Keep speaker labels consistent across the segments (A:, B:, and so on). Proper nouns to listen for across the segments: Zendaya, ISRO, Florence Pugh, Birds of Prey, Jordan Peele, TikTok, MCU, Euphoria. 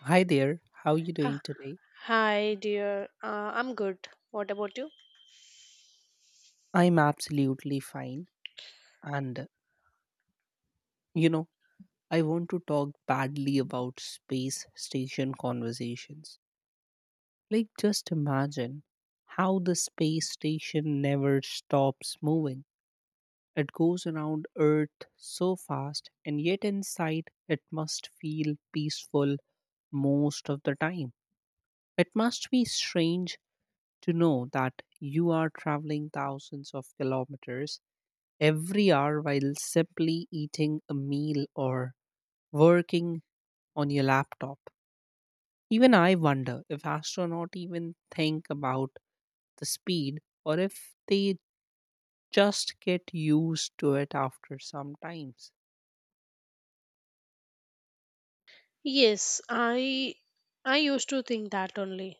A: Hi there, how are you doing
B: Ah,
A: today?
B: Hi, dear. I'm good. What about you?
A: I'm absolutely fine. And, you know, I want to talk badly about space station conversations. Like, just imagine how the space station never stops moving. It goes around Earth so fast, and yet inside it must feel peaceful most of the time. It must be strange to know that you are traveling thousands of kilometers every hour while simply eating a meal or working on your laptop. Even I wonder if astronauts even think about the speed or if they just get used to it after some times.
B: Yes, I used to think that only.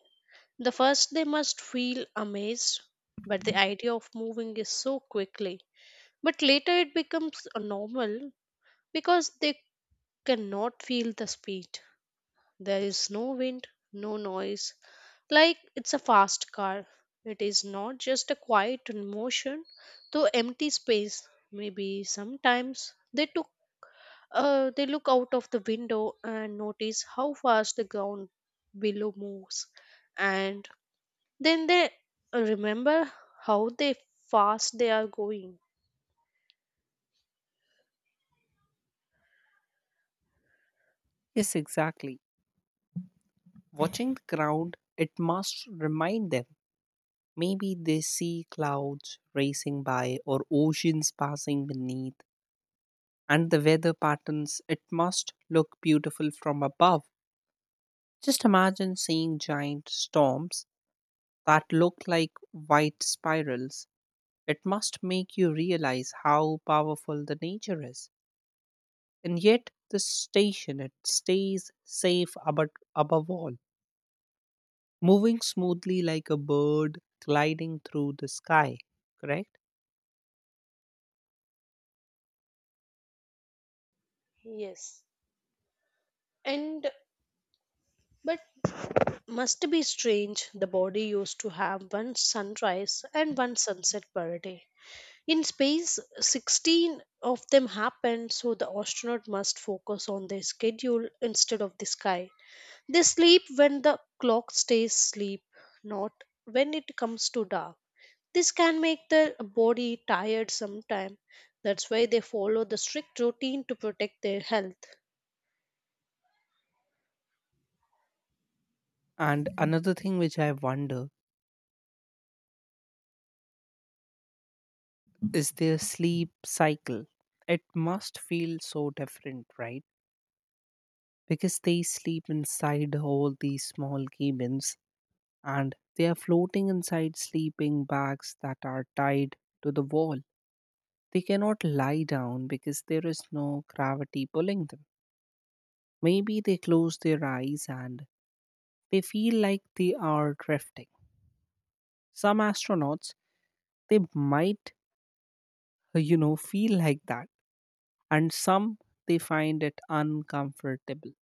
B: The first they must feel amazed, but the idea of moving is so quickly. But later it becomes a normal because they cannot feel the speed. There is no wind, no noise. Like it's a fast car. It is not just a quiet motion, though empty space. Maybe sometimes they look out of the window and notice how fast the ground below moves. And then they remember how they fast they are going.
A: Yes, exactly. Watching the ground, it must remind them. Maybe they see clouds racing by or oceans passing beneath, and the weather patterns, it must look beautiful from above. Just imagine seeing giant storms that look like white spirals. It must make you realize how powerful the nature is. And yet, the station it stays safe above, above all, moving smoothly like a bird gliding through the sky, correct?
B: Yes. And but must be strange the body used to have one sunrise and one sunset per day. In space, 16 of them happen, so the astronaut must focus on their schedule instead of the sky. They sleep when the clock stays asleep, not when it comes to dark. This can make their body tired sometime. That's why they follow the strict routine to protect their health.
A: And another thing which I wonder is their sleep cycle. It must feel so different, right? Because they sleep inside all these small cabins and they are floating inside sleeping bags that are tied to the wall. They cannot lie down because there is no gravity pulling them. Maybe they close their eyes and they feel like they are drifting. Some astronauts, they might, feel like that, and some they find it uncomfortable.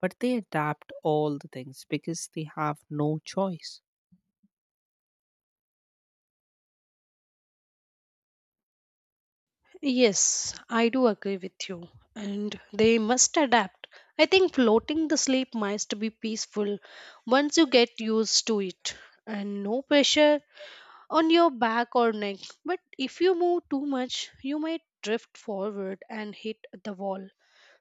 A: But they adapt all the things because they have no choice.
B: Yes, I do agree with you. And they must adapt. I think floating the sleep must be peaceful once you get used to it and no pressure on your back or neck. But if you move too much, you might drift forward and hit the wall.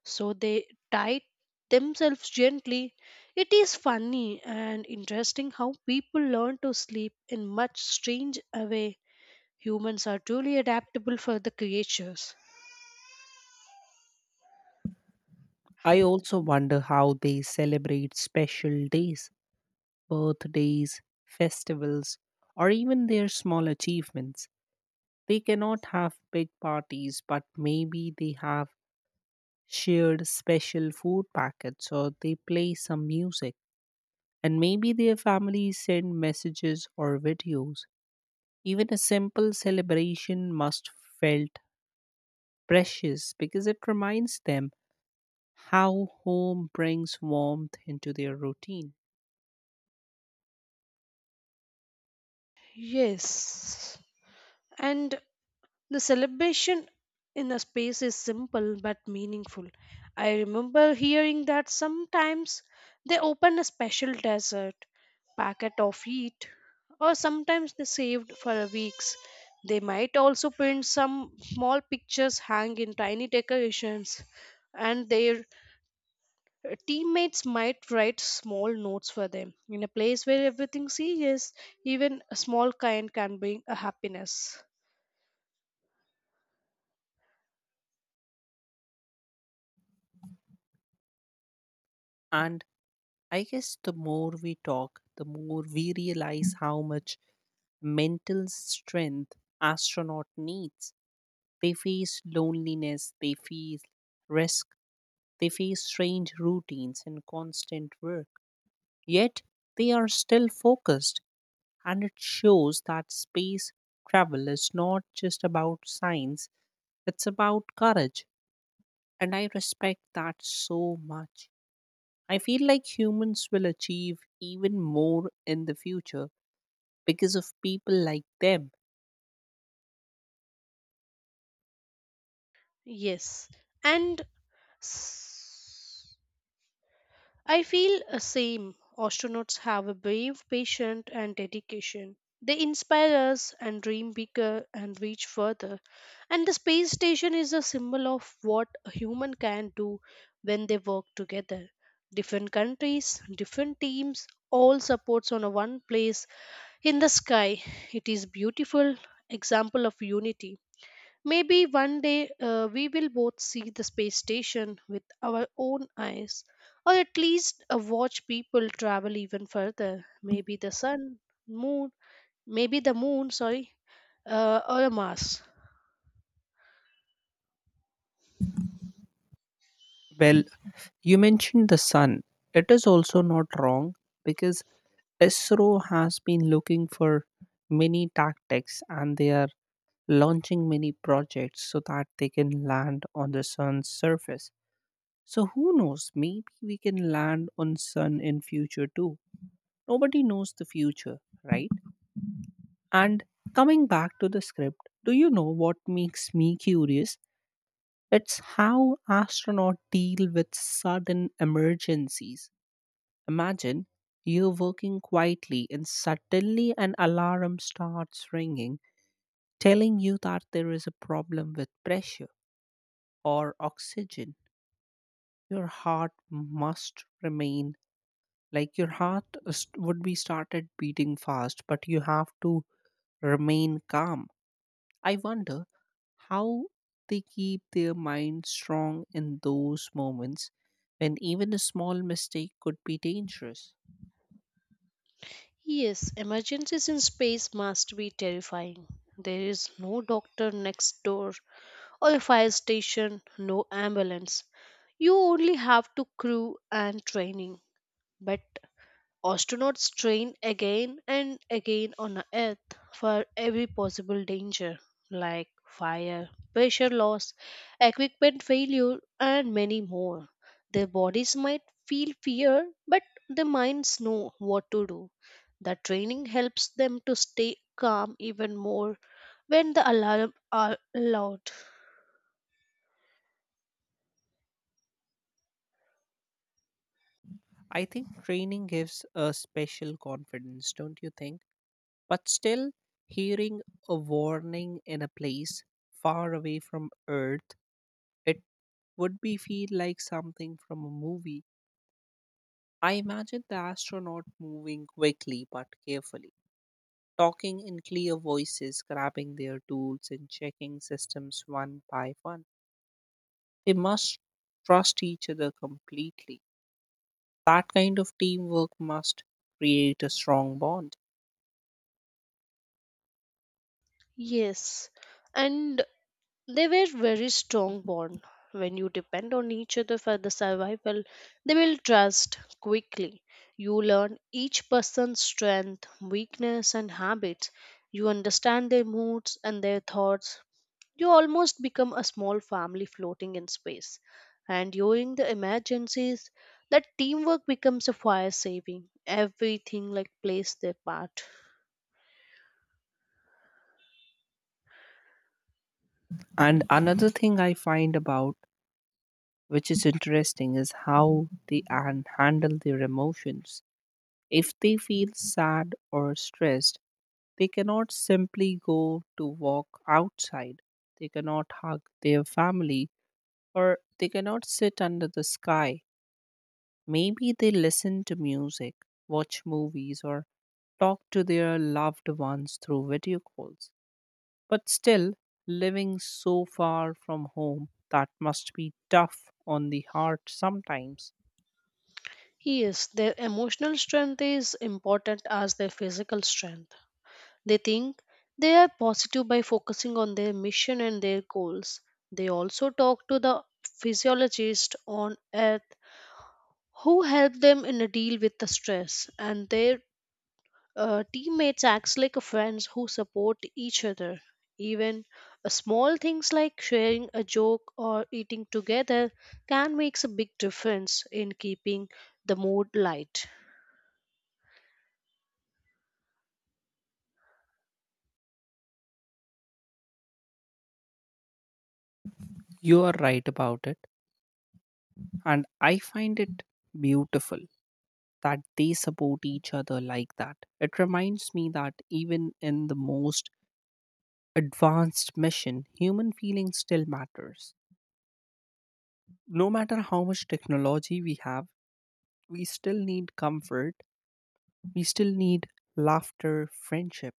B: So they tied themselves gently. It is funny and interesting how people learn to sleep in much strange a way. Humans are truly adaptable for the creatures.
A: I also wonder how they celebrate special days, birthdays, festivals, or even their small achievements. They cannot have big parties, but maybe they have shared special food packets or they play some music. And maybe their families send messages or videos. Even a simple celebration must felt precious because it reminds them how home brings warmth into their routine.
B: Yes. And the celebration in a space is simple but meaningful. I remember hearing that sometimes they open a special dessert, packet of it, or sometimes they saved for a weeks. They might also print some small pictures, hang in tiny decorations, and their teammates might write small notes for them. In a place where everything's serious, even a small kind can bring a happiness.
A: And I guess the more we talk, the more we realize how much mental strength astronaut needs. They face loneliness, they face risk, they face strange routines and constant work. Yet they are still focused, and it shows that space travel is not just about science, it's about courage. And I respect that so much. I feel like humans will achieve even more in the future because of people like them.
B: Yes. And I feel the same. Astronauts have a brave, patient, and dedication. They inspire us and dream bigger and reach further. And the space station is a symbol of what a human can do when they work together. Different countries, different teams, all supports on a one place in the sky. It is beautiful example of unity. Maybe one day we will both see the space station with our own eyes, or at least watch people travel even further. Maybe the sun, moon, maybe the moon, sorry, or Mars.
A: Well, you mentioned the sun. It is also not wrong because ISRO has been looking for many tactics and they are launching many projects so that they can land on the sun's surface. So who knows, maybe we can land on sun in future too. Nobody knows the future, right? And coming back to the script, do you know what makes me curious? It's how astronauts deal with sudden emergencies. Imagine you're working quietly and suddenly an alarm starts ringing telling you that there is a problem with pressure or oxygen. Your heart must remain, like your would be started beating fast, but you have to remain calm. I wonder how they keep their mind strong in those moments when even a small mistake could be dangerous.
B: Yes, emergencies in space must be terrifying. There is no doctor next door, or a fire station, no ambulance. You only have to crew and training. But astronauts train again and again on Earth for every possible danger like fire, pressure loss, equipment failure, and many more. Their bodies might feel fear, but their minds know what to do. The training helps them to stay calm even more when the alarm are loud.
A: I think training gives a special confidence, don't you think? But still, hearing a warning in a place far away from Earth, it would be feel like something from a movie. I imagine the astronaut moving quickly but carefully, talking in clear voices, grabbing their tools and checking systems one by one. They must trust each other completely. That kind of teamwork must create a strong bond.
B: Yes, and they were very strong bond. When you depend on each other for the survival, they will trust quickly. You learn each person's strength, weakness, and habits. You understand their moods and their thoughts. You almost become a small family floating in space. And during the emergencies, that teamwork becomes a fire saving. Everything like plays their part.
A: And another thing I find about which is interesting is how they handle their emotions. If they feel sad or stressed, they cannot simply go to walk outside. They cannot hug their family or they cannot sit under the sky. Maybe they listen to music, watch movies, or talk to their loved ones through video calls. But still, living so far from home, that must be tough on the heart sometimes.
B: Yes, their emotional strength is important as their physical strength. They think they are positive by focusing on their mission and their goals. They also talk to the physiologist on earth who help them in a deal with the stress and their teammates acts like a friends who support each other even a small things like sharing a joke or eating together can makes a big difference in keeping the mood light.
A: You are right about it, and I find it beautiful that they support each other like that. It reminds me that even in the most advanced mission, human feeling still matters. No matter how much technology we have, we still need comfort, we still need laughter, friendship.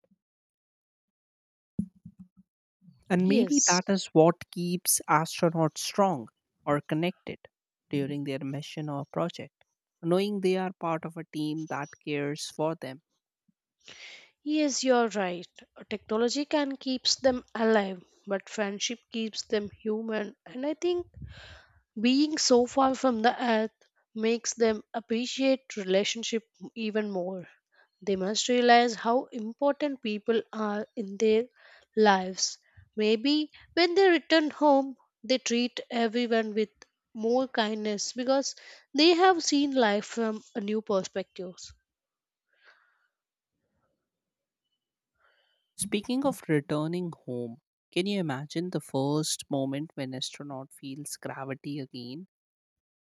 A: And maybe
B: Yes.
A: that is what keeps astronauts strong or connected during their mission or project, knowing they are part of a team that cares for them.
B: Yes, you're right. Technology can keeps them alive, but friendship keeps them human. And I think being so far from the earth makes them appreciate relationship even more. They must realize how important people are in their lives. Maybe when they return home, they treat everyone with more kindness because they have seen life from a new perspective.
A: Speaking of returning home, can you imagine the first moment when astronaut feels gravity again?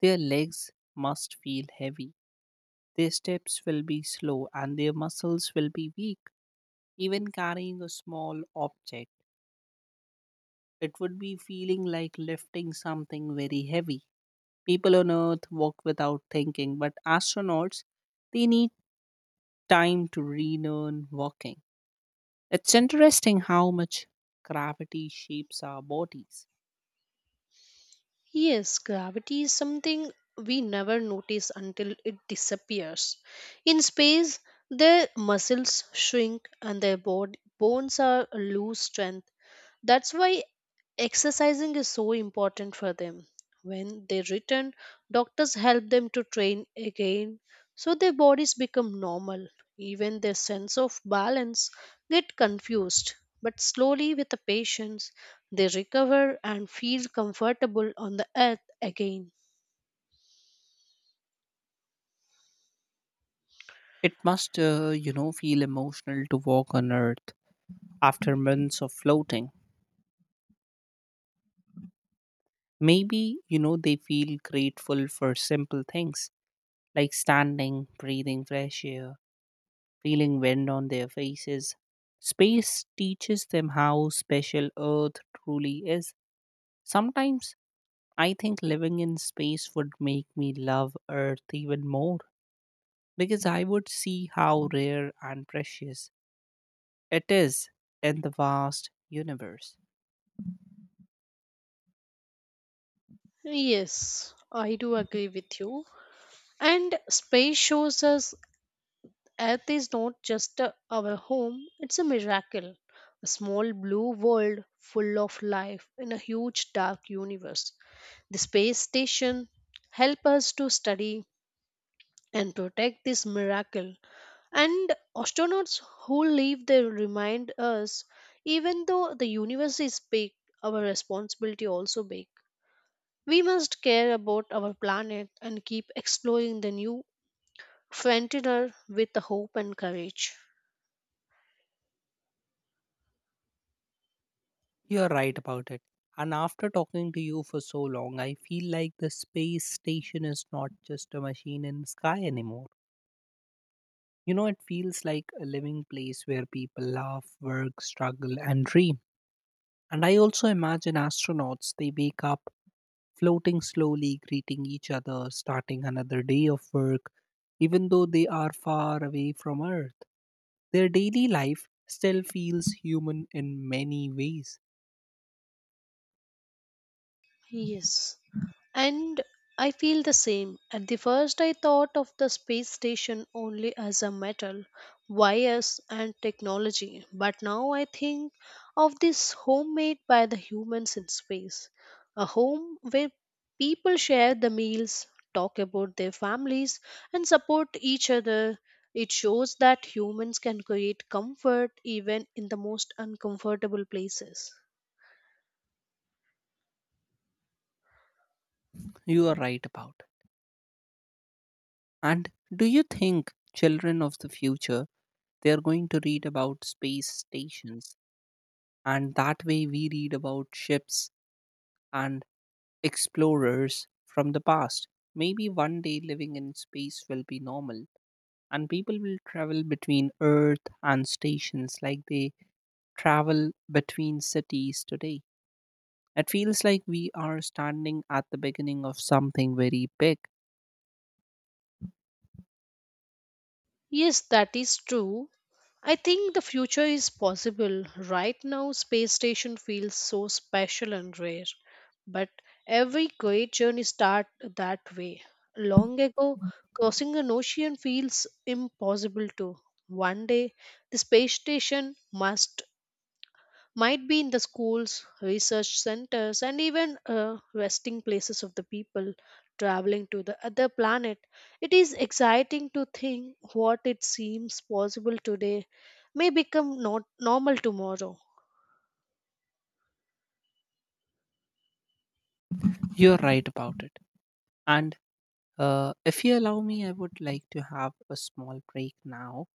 A: Their legs must feel heavy. Their steps will be slow and their muscles will be weak. Even carrying a small object, it would be feeling like lifting something very heavy. People on Earth walk without thinking, but astronauts, they need time to relearn walking. It's interesting how much gravity shapes our bodies.
B: Yes, gravity is something we never notice until it disappears. In space, their muscles shrink and their bones are lose strength. That's why exercising is so important for them. When they return, doctors help them to train again so their bodies become normal. Even their sense of balance get confused. But slowly with the patience, they recover and feel comfortable on the earth again.
A: It must, feel emotional to walk on Earth after months of floating. Maybe, they feel grateful for simple things like standing, breathing fresh air, feeling wind on their faces. Space teaches them how special Earth truly is. Sometimes I think living in space would make me love Earth even more because I would see how rare and precious it is in the vast universe.
B: Yes, I do agree with you. And space shows us Earth is not just our home, it's a miracle. A small blue world full of life in a huge dark universe. The space station helps us to study and protect this miracle. And astronauts who leave there remind us even though the universe is big, our responsibility also big. We must care about our planet and keep exploring the new frontier with hope and courage.
A: You're right about it. And after talking to you for so long, I feel like the space station is not just a machine in the sky anymore. It feels like a living place where people laugh, work, struggle, and dream. And I also imagine astronauts, they wake up floating slowly, greeting each other, starting another day of work, even though they are far away from Earth. Their daily life still feels human in many ways.
B: Yes. And I feel the same. At the first, I thought of the space station only as a metal, wires, and technology. But now I think of this home made by the humans in space. A home where people share the meals, talk about their families, and support each other. It shows that humans can create comfort even in the most uncomfortable places.
A: You are right about. And do you think children of the future, they are going to read about space stations and that way we read about ships and explorers from the past. Maybe one day living in space will be normal and people will travel between Earth and stations like they travel between cities today. It feels like we are standing at the beginning of something very big.
B: Yes, that is true. I think the future is possible. Right now, space station feels so special and rare, but every great journey starts that way. Long ago, crossing an ocean feels impossible too. One day, the space station must might be in the schools, research centers, and even resting places of the people traveling to the other planet. It is exciting to think what it seems possible today may become not normal tomorrow.
A: You're right about it. And if you allow me, I would like to have a small break now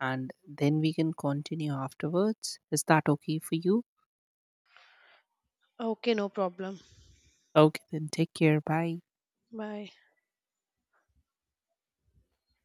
A: and then we can continue afterwards. Is that okay for you?
B: Okay, no problem.
A: Okay, then take care. Bye.
B: Bye.